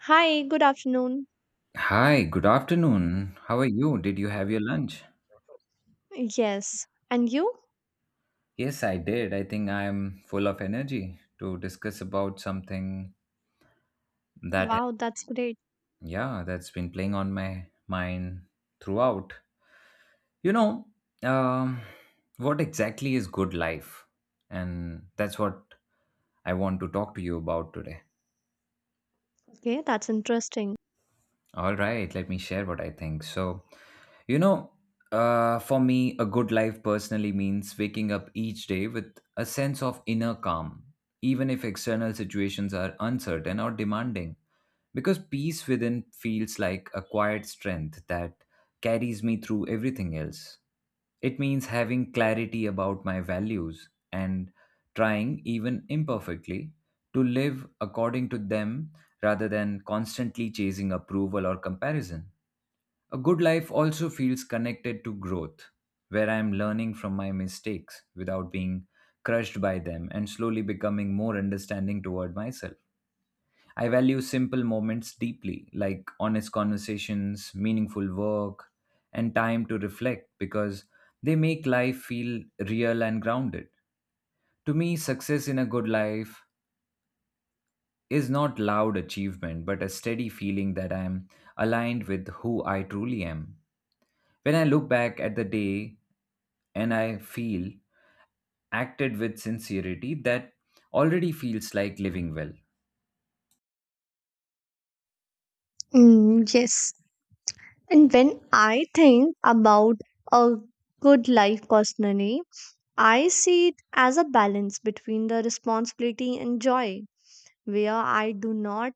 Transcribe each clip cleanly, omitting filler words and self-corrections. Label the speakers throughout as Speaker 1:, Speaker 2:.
Speaker 1: Hi, good afternoon.
Speaker 2: Hi, good afternoon. How are you? Did you have your lunch?
Speaker 1: Yes. And you?
Speaker 2: Yes, I did. I think I'm full of energy to discuss about something that,
Speaker 1: Wow, that's great.
Speaker 2: yeah, that's been playing on my mind throughout. You know, um, what exactly is good life? And that's what I want to talk to you about today.
Speaker 1: Okay, that's interesting.
Speaker 2: All right, let me share what I think. So, You know, for me, a good life personally means waking up each day with a sense of inner calm, even if external situations are uncertain or demanding. Because peace within feels like a quiet strength that carries me through everything else. It means having clarity about my values and trying, even imperfectly, to live according to them rather than constantly chasing approval or comparison. A good life also feels connected to growth, where I am learning from my mistakes without being crushed by them and slowly becoming more understanding toward myself. I value simple moments deeply, like honest conversations, meaningful work, and time to reflect because they make life feel real and grounded. To me, success in a good life is not loud achievement, but a steady feeling that I am aligned with who I truly am. When I look back at the day and I feel acted with sincerity, that already feels like living well.
Speaker 1: Mm, yes. And when I think about a good life personally, I see it as a balance between the responsibility and joy, where I do not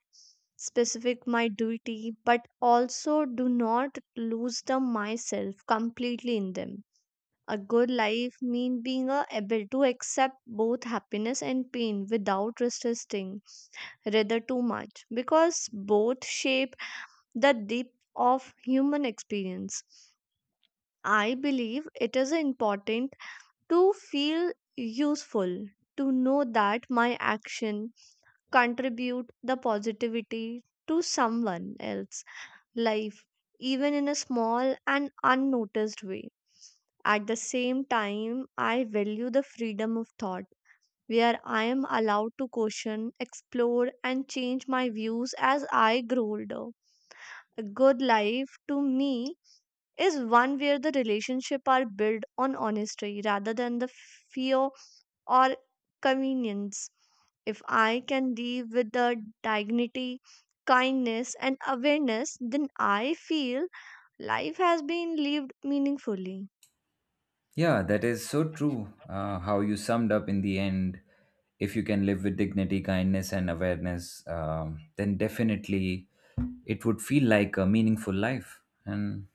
Speaker 1: specific my duty but also do not lose the myself completely in them. A good life means being able to accept both happiness and pain without resisting rather too much because both shape the depth of human experience. I believe it is important to feel useful, to know that my action contribute the positivity to someone else's life even in a small and unnoticed way. At the same time, I value the freedom of thought, where I am allowed to question, explore, and change my views as I grow older. A good life to me is one where the relationships are built on honesty rather than the fear or convenience. If I can live with the dignity, kindness, and awareness, then I feel life has been lived meaningfully.
Speaker 2: Yeah, that is so true. How you summed up in the end, if you can live with dignity, kindness, and awareness, then definitely it would feel like a meaningful life. And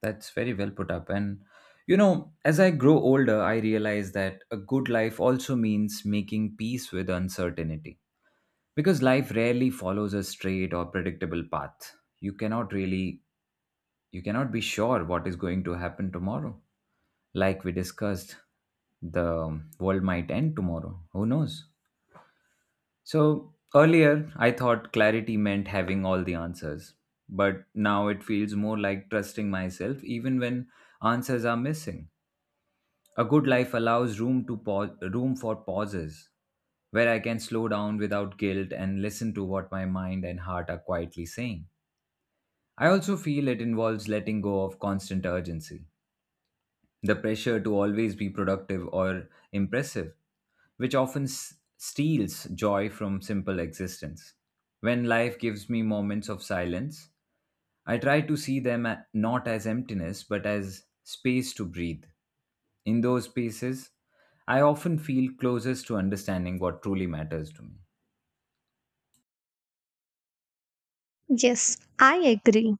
Speaker 2: that's very well put up. And, as I grow older, I realize that a good life also means making peace with uncertainty because life rarely follows a straight or predictable path. You cannot really you cannot be sure what is going to happen tomorrow. Like we discussed, the world might end tomorrow. Who knows? So earlier, I thought clarity meant having all the answers, but now it feels more like trusting myself even when answers are missing. A good life allows room to pause, room for pauses where I can slow down without guilt and listen to what my mind and heart are quietly saying. I also feel it involves letting go of constant urgency, the pressure to always be productive or impressive, which often steals joy from simple existence. When life gives me moments of silence, I try to see them not as emptiness but as space to breathe in those spaces, I often feel closest to understanding what truly matters to me.
Speaker 1: Yes, I agree.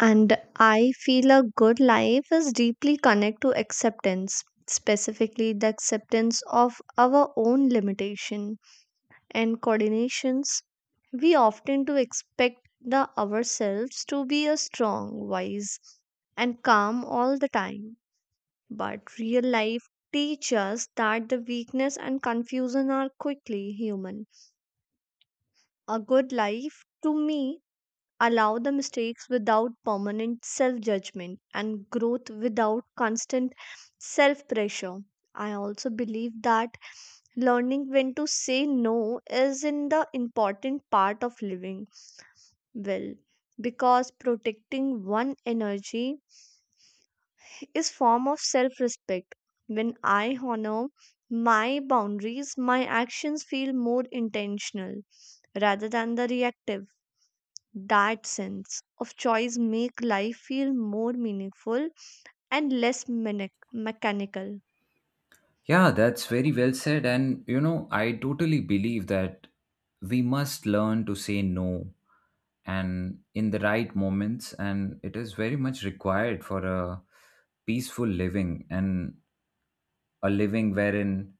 Speaker 1: And I feel a good life is deeply connected to acceptance, specifically the acceptance of our own limitation and coordinations. We often do expect the ourselves to be a strong, wise, and calm all the time. But real life teaches us that the weakness and confusion are quickly human. A good life to me allow the mistakes without permanent self judgment and growth without constant self pressure. I also believe that learning when to say no is in the important part of living well because protecting one energy is form of self respect. When I honor my boundaries, my actions feel more intentional rather than the reactive. That sense of choice make life feel more meaningful and less mechanical.
Speaker 2: Yeah, that's very well said. And, I totally believe that we must learn to say no and in the right moments. And it is very much required for a peaceful living and a living wherein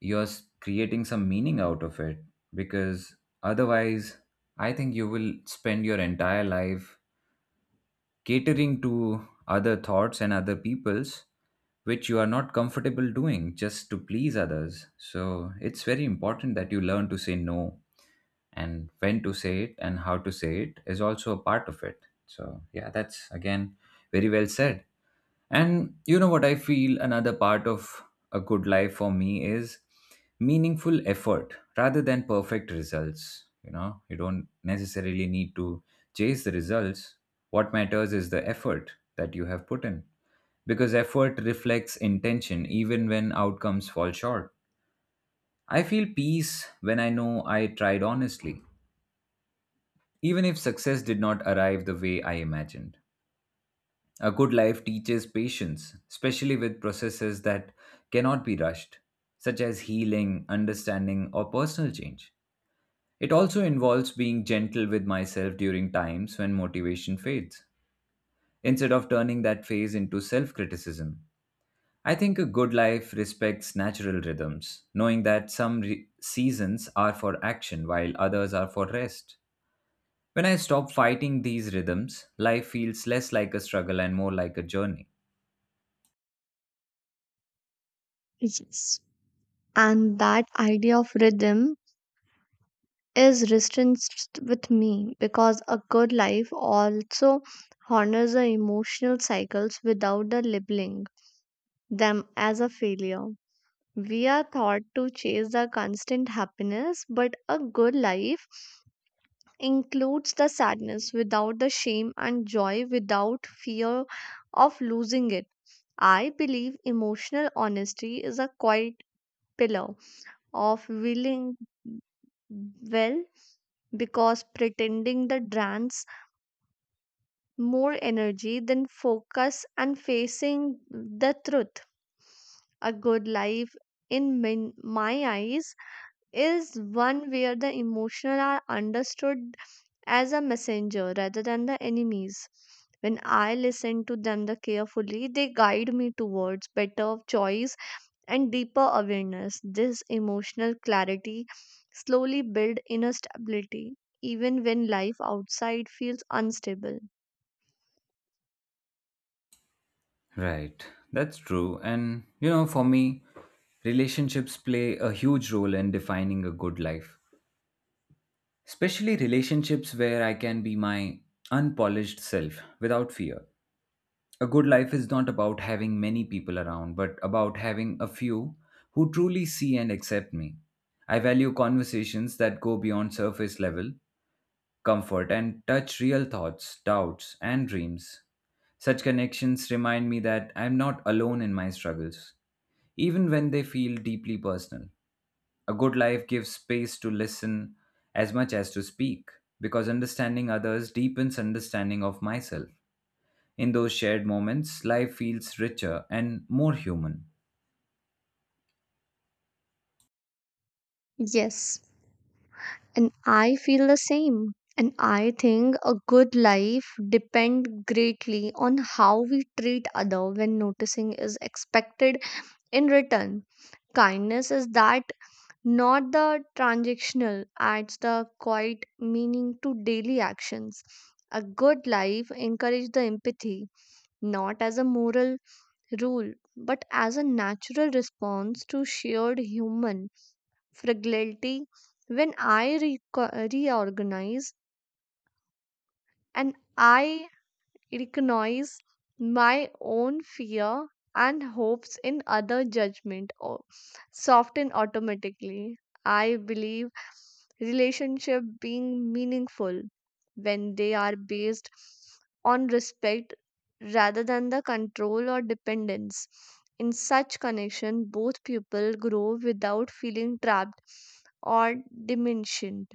Speaker 2: you're creating some meaning out of it. Because otherwise, I think you will spend your entire life catering to other thoughts and other people's which you are not comfortable doing just to please others so it's very important that you learn to say no and when to say it and how to say it is also a part of it so yeah, that's again very well said. And you know what I feel another part of a good life for me is meaningful effort rather than perfect results. You know, you don't necessarily need to chase the results. What matters is the effort that you have put in because effort reflects intention even when outcomes fall short. I feel peace when I know I tried honestly, even if success did not arrive the way I imagined. A good life teaches patience, especially with processes that cannot be rushed, such as healing, understanding, or personal change. It also involves being gentle with myself during times when motivation fades, instead of turning that phase into self criticism. I think a good life respects natural rhythms, knowing that some seasons are for action while others are for rest. When I stop fighting these rhythms, life feels less like a struggle and more like a journey.
Speaker 1: Yes. And that idea of rhythm is restricted with me because a good life also honors the emotional cycles without the labeling them as a failure. We are taught to chase the constant happiness, but a good life includes the sadness without the shame and joy without fear of losing it. I believe emotional honesty is a quiet pillar of willing well because pretending the drains more energy than focus and facing the truth. A good life, in my eyes, is one where the emotional are understood as a messenger rather than the enemies. When I listen to them the carefully, they guide me towards better choice and deeper awareness. This emotional clarity slowly build inner stability, even when life outside feels unstable.
Speaker 2: Right, that's true. And for me, relationships play a huge role in defining a good life, especially relationships where I can be my unpolished self without fear. A good life is not about having many people around, but about having a few who truly see and accept me. I value conversations that go beyond surface level comfort and touch real thoughts, doubts, and dreams. Such connections remind me that I am not alone in my struggles, even when they feel deeply personal. A good life gives space to listen as much as to speak, because understanding others deepens understanding of myself. In those shared moments, life feels richer and more human.
Speaker 1: Yes, and I feel the same. And I think a good life depends greatly on how we treat other when noticing is expected in return. Kindness is that not the transactional adds the quiet meaning to daily actions. A good life encourages the empathy not as a moral rule but as a natural response to shared human fragility. When I reorganize and I, it ignores my own fear and hopes in other judgment or soften automatically. I believe relationship being meaningful when they are based on respect rather than the control or dependence. In such connection both people grow without feeling trapped or diminished.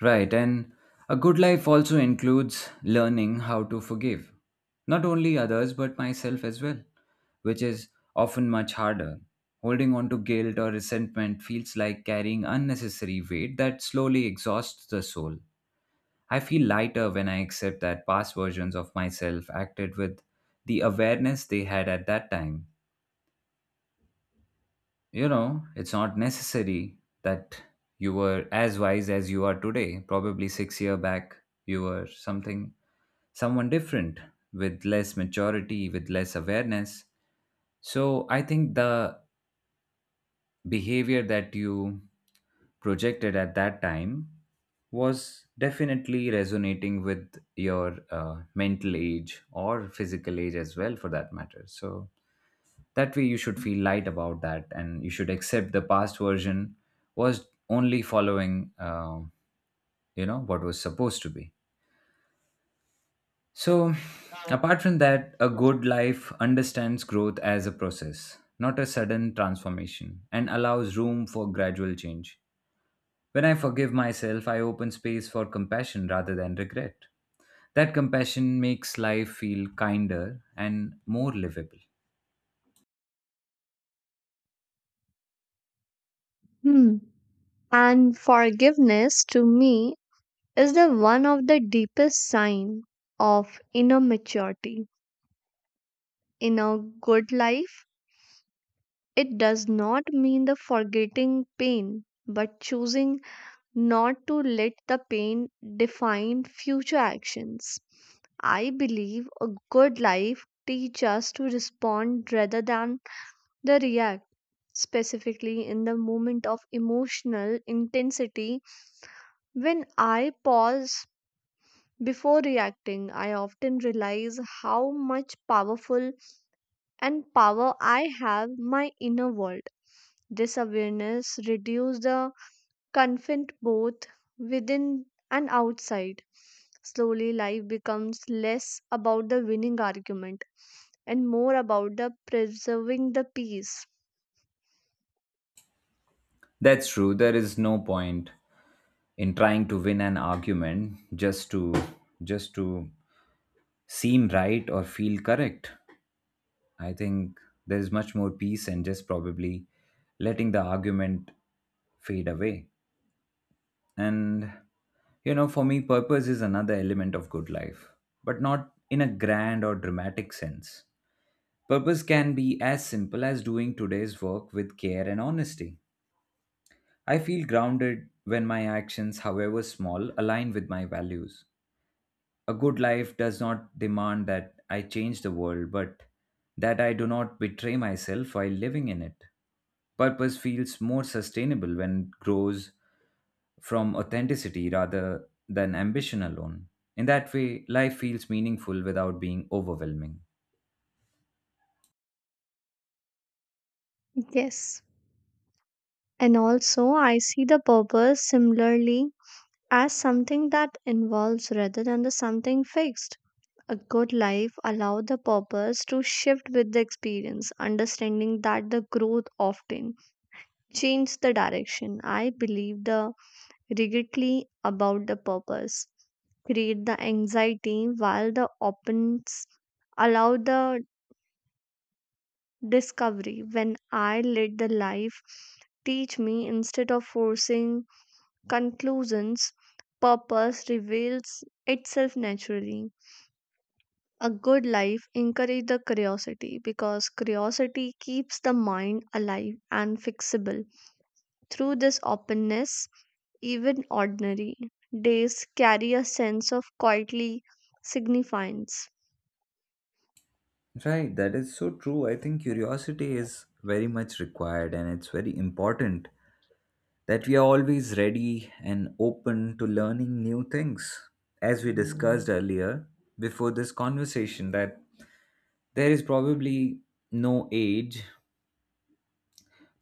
Speaker 2: Right, and a good life also includes learning how to forgive, not only others but myself as well, which is often much harder. Holding on to guilt or resentment feels like carrying unnecessary weight that slowly exhausts the soul. I feel lighter when I accept that past versions of myself acted with the awareness they had at that time. It's not necessary that you were as wise as you are today. Probably 6 year back, you were something, someone different with less maturity, with less awareness. So I think the behavior that you projected at that time was definitely resonating with your mental age or physical age as well, for that matter. So that way, you should feel light about that, and you should accept the past version was only following, what was supposed to be. So, apart from that, a good life understands growth as a process, not a sudden transformation, and allows room for gradual change. When I forgive myself, I open space for compassion rather than regret. That compassion makes life feel kinder and more livable.
Speaker 1: Hmm. And forgiveness to me is the one of the deepest sign of inner maturity. In a good life, it does not mean the forgetting pain, but choosing not to let the pain define future actions. I believe a good life teaches us to respond rather than the react. Specifically, in the moment of emotional intensity, when I pause before reacting, I often realize how much powerful and power I have my inner world. This awareness reduces the conflict both within and outside. Slowly, life becomes less about the winning argument and more about the preserving the peace.
Speaker 2: That's true, there is no point in trying to win an argument just to seem right or feel correct. I think there is much more peace in just probably letting the argument fade away. And for me purpose is another element of good life, but not in a grand or dramatic sense. Purpose can be as simple as doing today's work with care and honesty. I feel grounded when my actions, however small, align with my values. A good life does not demand that I change the world, but that I do not betray myself while living in it. Purpose feels more sustainable when it grows from authenticity rather than ambition alone. In that way, life feels meaningful without being overwhelming.
Speaker 1: Yes. And also, I see the purpose similarly as something that involves rather than the something fixed. A good life allows the purpose to shift with the experience, understanding that the growth often changes the direction. I believe the rigidly about the purpose create the anxiety while the opens allow the discovery. When I let the life teach me instead of forcing conclusions, purpose reveals itself naturally. A good life encourages the curiosity because curiosity keeps the mind alive and fixable. Through this openness, even ordinary days carry a sense of quietly significance.
Speaker 2: Right, that is so true. I think curiosity is very much required and it's very important that we are always ready and open to learning new things. As we discussed earlier before this conversation, that there is probably no age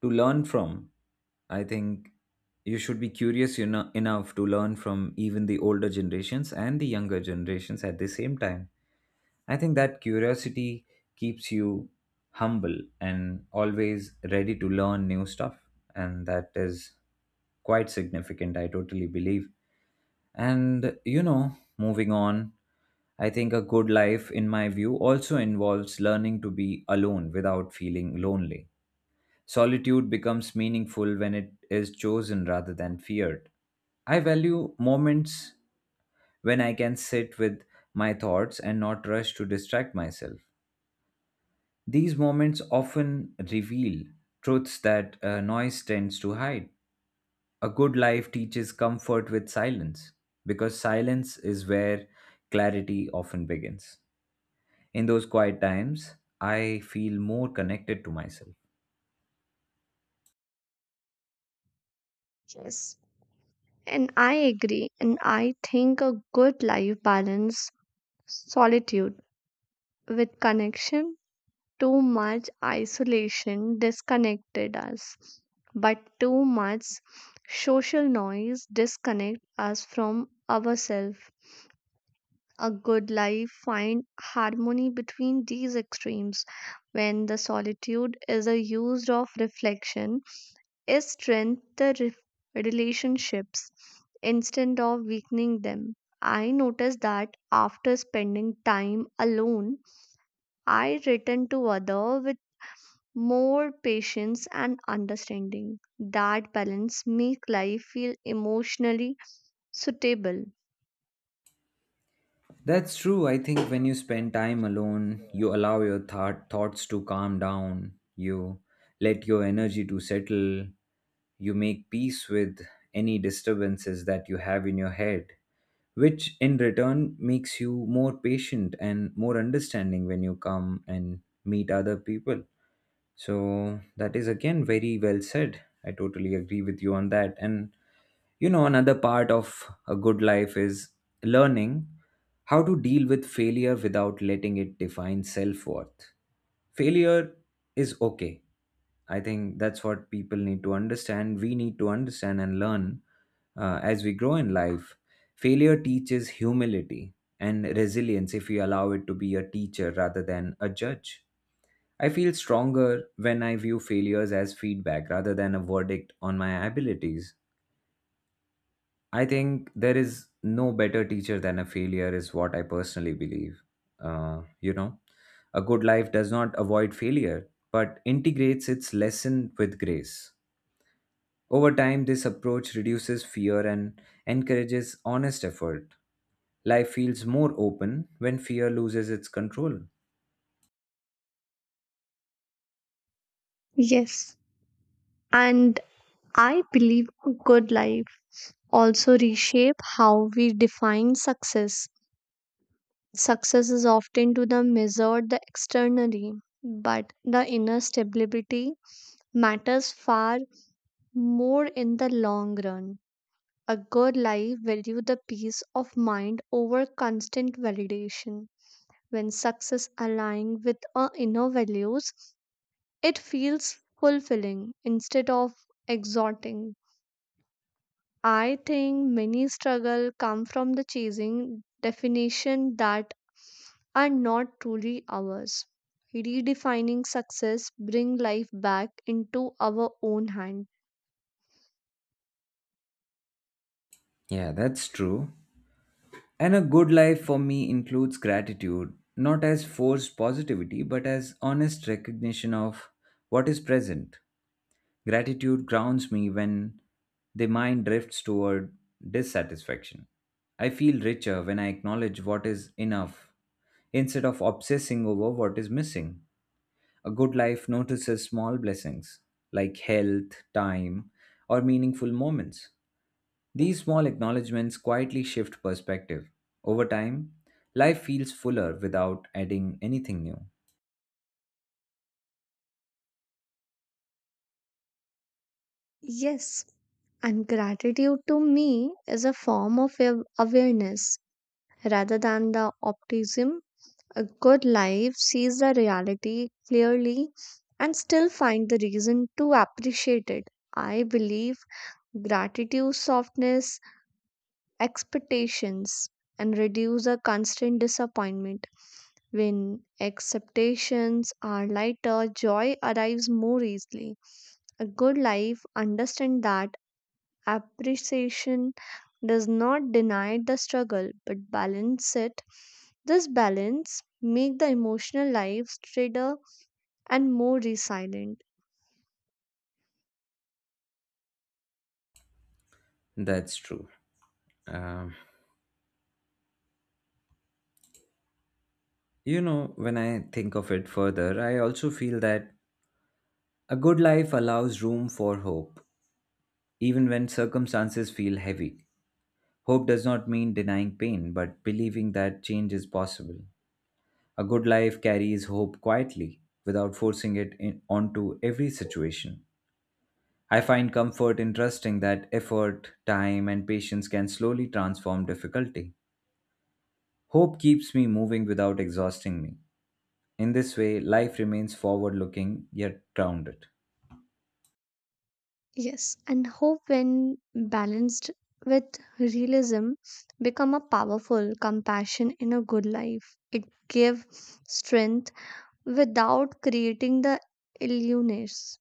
Speaker 2: to learn from. I think you should be curious enough to learn from even the older generations and the younger generations at the same time. I think that curiosity keeps you humble and always ready to learn new stuff. And that is quite significant, I totally believe. And, moving on, I think a good life, in my view, also involves learning to be alone without feeling lonely. Solitude becomes meaningful when it is chosen rather than feared. I value moments when I can sit with my thoughts and not rush to distract myself. These moments often reveal truths that noise tends to hide. A good life teaches comfort with silence, because silence is where clarity often begins. In those quiet times, I feel more connected to myself.
Speaker 1: Yes. And I agree, and I think a good life balance solitude with connection. Too much isolation disconnected us, but too much social noise disconnect us from ourselves. A good life find harmony between these extremes. When the solitude is a use of reflection it strengthens the relationships instead of weakening them. I noticed that after spending time alone, I return to other with more patience and understanding. That balance make life feel emotionally suitable.
Speaker 2: That's true. I think when you spend time alone, you allow your thoughts to calm down. You let your energy to settle. You make peace with any disturbances that you have in your head, which in return makes you more patient and more understanding when you come and meet other people. So that is again very well said. I totally agree with you on that. And another part of a good life is learning how to deal with failure without letting it define self worth. Failure is okay. I think that's what people need to understand. We need to understand and learn as we grow in life. Failure teaches humility and resilience if we allow it to be a teacher rather than a judge. I feel stronger when I view failures as feedback rather than a verdict on my abilities. I think there is no better teacher than a failure, is what I personally believe. Uh, you know, a good life does not avoid failure, but integrates its lesson with grace. Over time, this approach reduces fear and encourages honest effort. Life feels more open when fear loses its control.
Speaker 1: Yes, and I believe a good life also reshape how we define success. Success is often to the measured the externally, but the inner stability matters far more in the long run. A good life value the peace of mind over constant validation. When success aligns with our inner values, it feels fulfilling instead of exhorting. I think many struggle come from the chasing definition that are not truly ours. Redefining success bring life back into our own hand.
Speaker 2: Yeah, that's true. And a good life for me includes gratitude, not as forced positivity, but as honest recognition of what is present. Gratitude grounds me when the mind drifts toward dissatisfaction. I feel richer when I acknowledge what is enough instead of obsessing over what is missing. A good life notices small blessings like health, time, or meaningful moments. These small acknowledgments quietly shift perspective. Over time, life feels fuller without adding anything new.
Speaker 1: Yes, and gratitude to me is a form of awareness rather than the optimism. A good life sees the reality clearly and still find the reason to appreciate it. I believe gratitude softness, expectations and reduce a constant disappointment. When expectations are lighter, joy arrives more easily. A good life understands that appreciation does not deny the struggle but balance it. This balance make the emotional life straighter and more resilient.
Speaker 2: That's true. Um, you know, when I think of it further, I also feel that a good life allows room for hope, even when circumstances feel heavy. Hope does not mean denying pain, but believing that change is possible. A good life carries hope quietly, without forcing it in, onto every situation. I find comfort in trusting that effort, time, and patience can slowly transform difficulty. Hope keeps me moving without exhausting me. In this way, life remains forward looking yet grounded.
Speaker 1: Yes, and hope when balanced with realism become a powerful compassion in a good life. It give strength without creating the illness.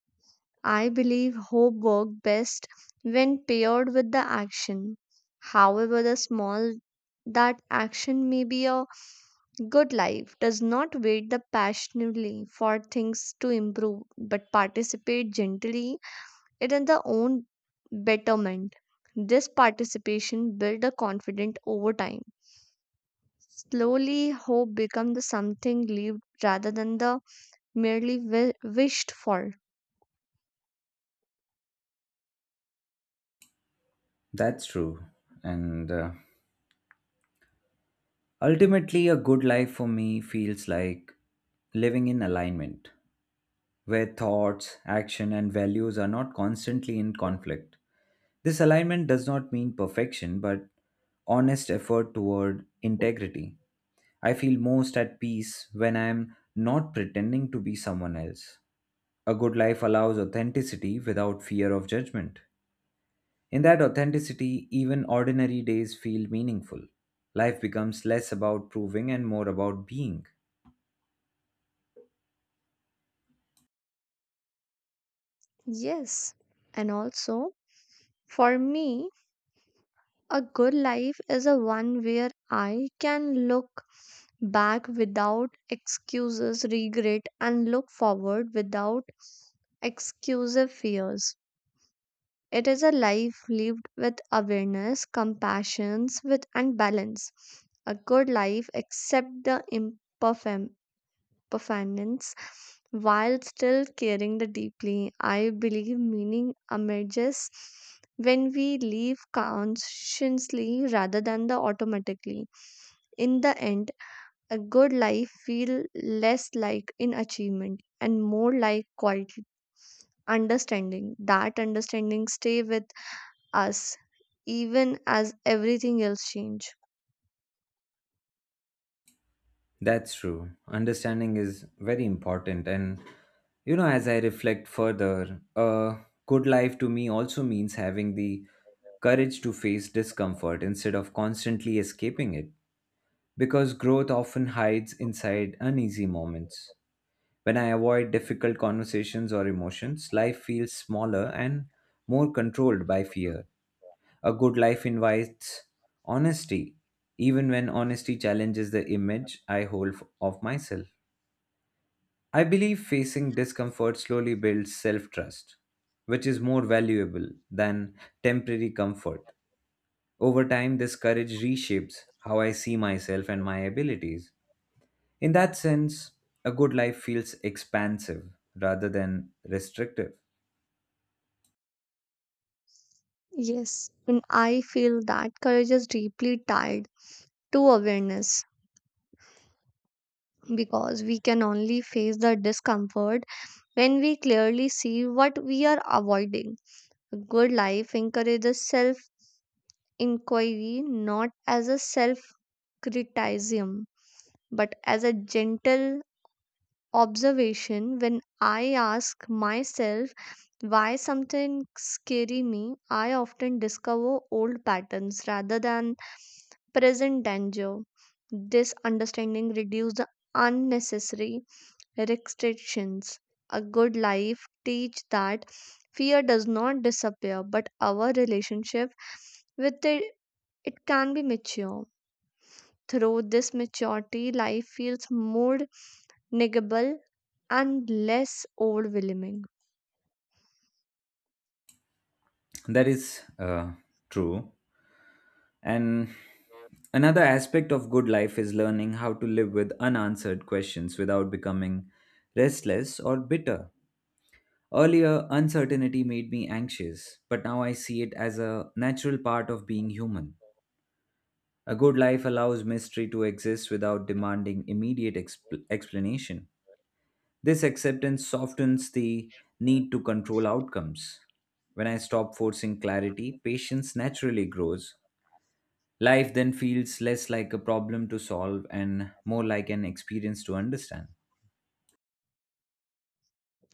Speaker 1: I believe hope works best when paired with the action. However, the small that action may be, a good life does not wait the passionately for things to improve but participate gently it in the own betterment. This participation builds a confident over time. Slowly, hope becomes the something lived rather than the wished for.
Speaker 2: That's true. And ultimately, a good life for me feels like living in alignment where thoughts, action, and values are not constantly in conflict. This alignment does not mean perfection, but honest effort toward integrity. I feel most at peace when I am not pretending to be someone else. A good life allows authenticity without fear of judgment. In that authenticity, even ordinary days feel meaningful. Life becomes less about proving and more about being.
Speaker 1: Yes, and also, for me, a good life is a one where I can look back without excuses, regret, and look forward without exclusive fears. It is a life lived with awareness, compassion, with and balance. A good life accepts the imperfem performance while still caring the deeply. I believe meaning emerges when we live consciously rather than the automatically. In the end, a good life feels less like in achievement and more like quiet understanding. That understanding stay with us even as everything else change.
Speaker 2: That's true. Understanding is very important. And, you know, as I reflect further, a good life to me also means having the courage to face discomfort instead of constantly escaping it, because growth often hides inside uneasy moments. When I avoid difficult conversations or emotions, life feels smaller and more controlled by fear. A good life invites honesty, even when honesty challenges the image I hold of myself. I believe facing discomfort slowly builds self trust, which is more valuable than temporary comfort. Over time, this courage reshapes how I see myself and my abilities. In that sense, a good life feels expansive rather than restrictive.
Speaker 1: Yes, and I feel that courage is deeply tied to awareness, because we can only face the discomfort when we clearly see what we are avoiding. A good life encourages self inquiry not as a self criticism but as a gentle observation. When I ask myself why something scary me, I often discover old patterns rather than present danger. This understanding reduces the unnecessary restrictions. A good life teach that fear does not disappear, but our relationship with it, it can be mature. Through this maturity, life feels more navigable and less overwhelming.
Speaker 2: That is true. And another aspect of good life is learning how to live with unanswered questions without becoming restless or bitter. Earlier, uncertainty made me anxious, but now I see it as a natural part of being human. A good life allows mystery to exist without demanding immediate explanation. This acceptance softens the need to control outcomes. When I stop forcing clarity, patience naturally grows. Life then feels less like a problem to solve and more like an experience to understand.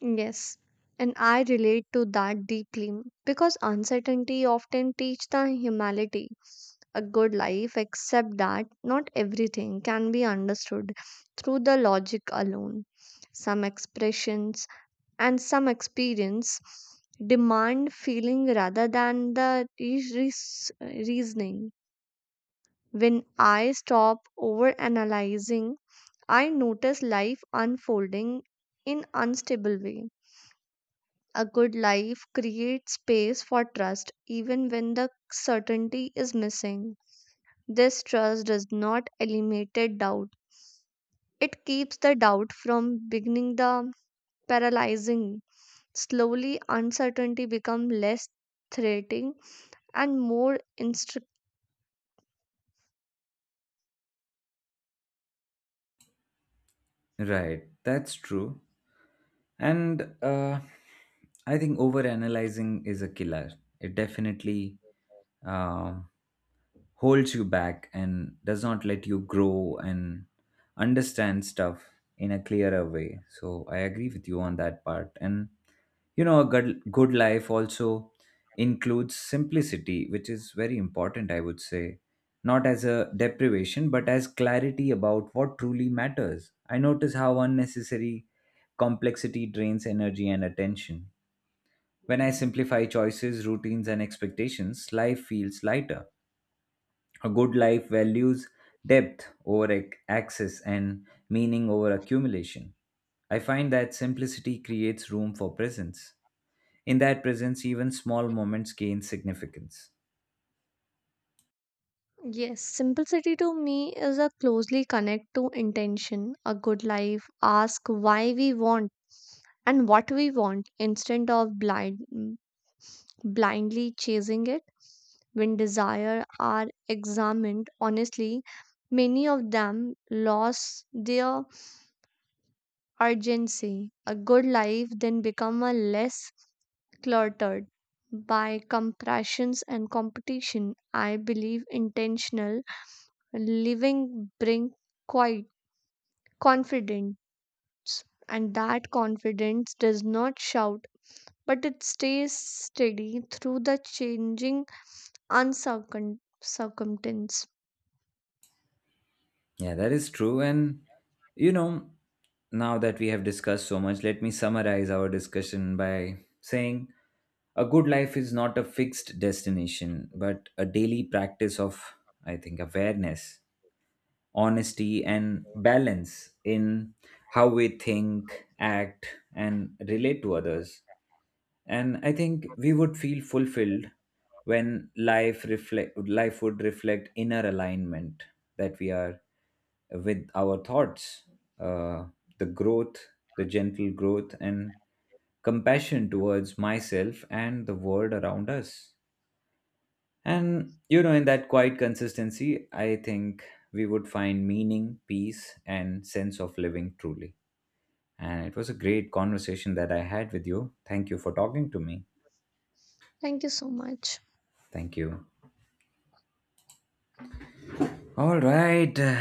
Speaker 1: Yes, and I relate to that deeply because uncertainty often teach the humility. A good life, except that not everything can be understood through the logic alone. Some expressions and some experience demand feeling rather than the reasoning. When I stop over analyzing, I notice life unfolding in unstable way. A good life creates space for trust even when the certainty is missing. This trust does not eliminate doubt, it keeps the doubt from beginning the paralyzing. Slowly, uncertainty becomes less threatening and more instructive.
Speaker 2: Right, that's true. And I think overanalyzing is a killer. It definitely. um Holds you back and does not let you grow and understand stuff in a clearer way, so I agree with you on that part. And you know, a good life also includes simplicity, which is very important, I would say, not as a deprivation but as clarity about what truly matters. I notice how unnecessary complexity drains energy and attention. When I simplify choices, routines, and expectations, life feels lighter. A good life values depth over access and meaning over accumulation. I find that simplicity creates room for presence. In that presence, even small moments gain significance.
Speaker 1: Yes, simplicity to me is a closely connect to intention. A good life asks why we want and what we want instead of blindly chasing it. When desire are examined honestly, many of them lose their urgency. A good life then become a less cluttered by compressions and competition. I believe intentional living bring quite confidence and that confidence does not shout but it stays steady through the changing uncircum circumstance.
Speaker 2: Yeah, that is true. And, you know, now that we have discussed so much, let me summarize our discussion by saying a good life is not a fixed destination, but a daily practice of, I think, awareness, honesty, and balance in how we think, act, and relate to others. And I think we would feel fulfilled when life would reflect inner alignment that we are with our thoughts, uh, the growth, the gentle growth, and compassion towards myself and the world around us. And you know, in that quiet consistency, I think we would find meaning, peace, and sense of living truly. And it was a great conversation that I had with you. Thank you for talking to me.
Speaker 1: Thank you so much.
Speaker 2: Thank you. All right.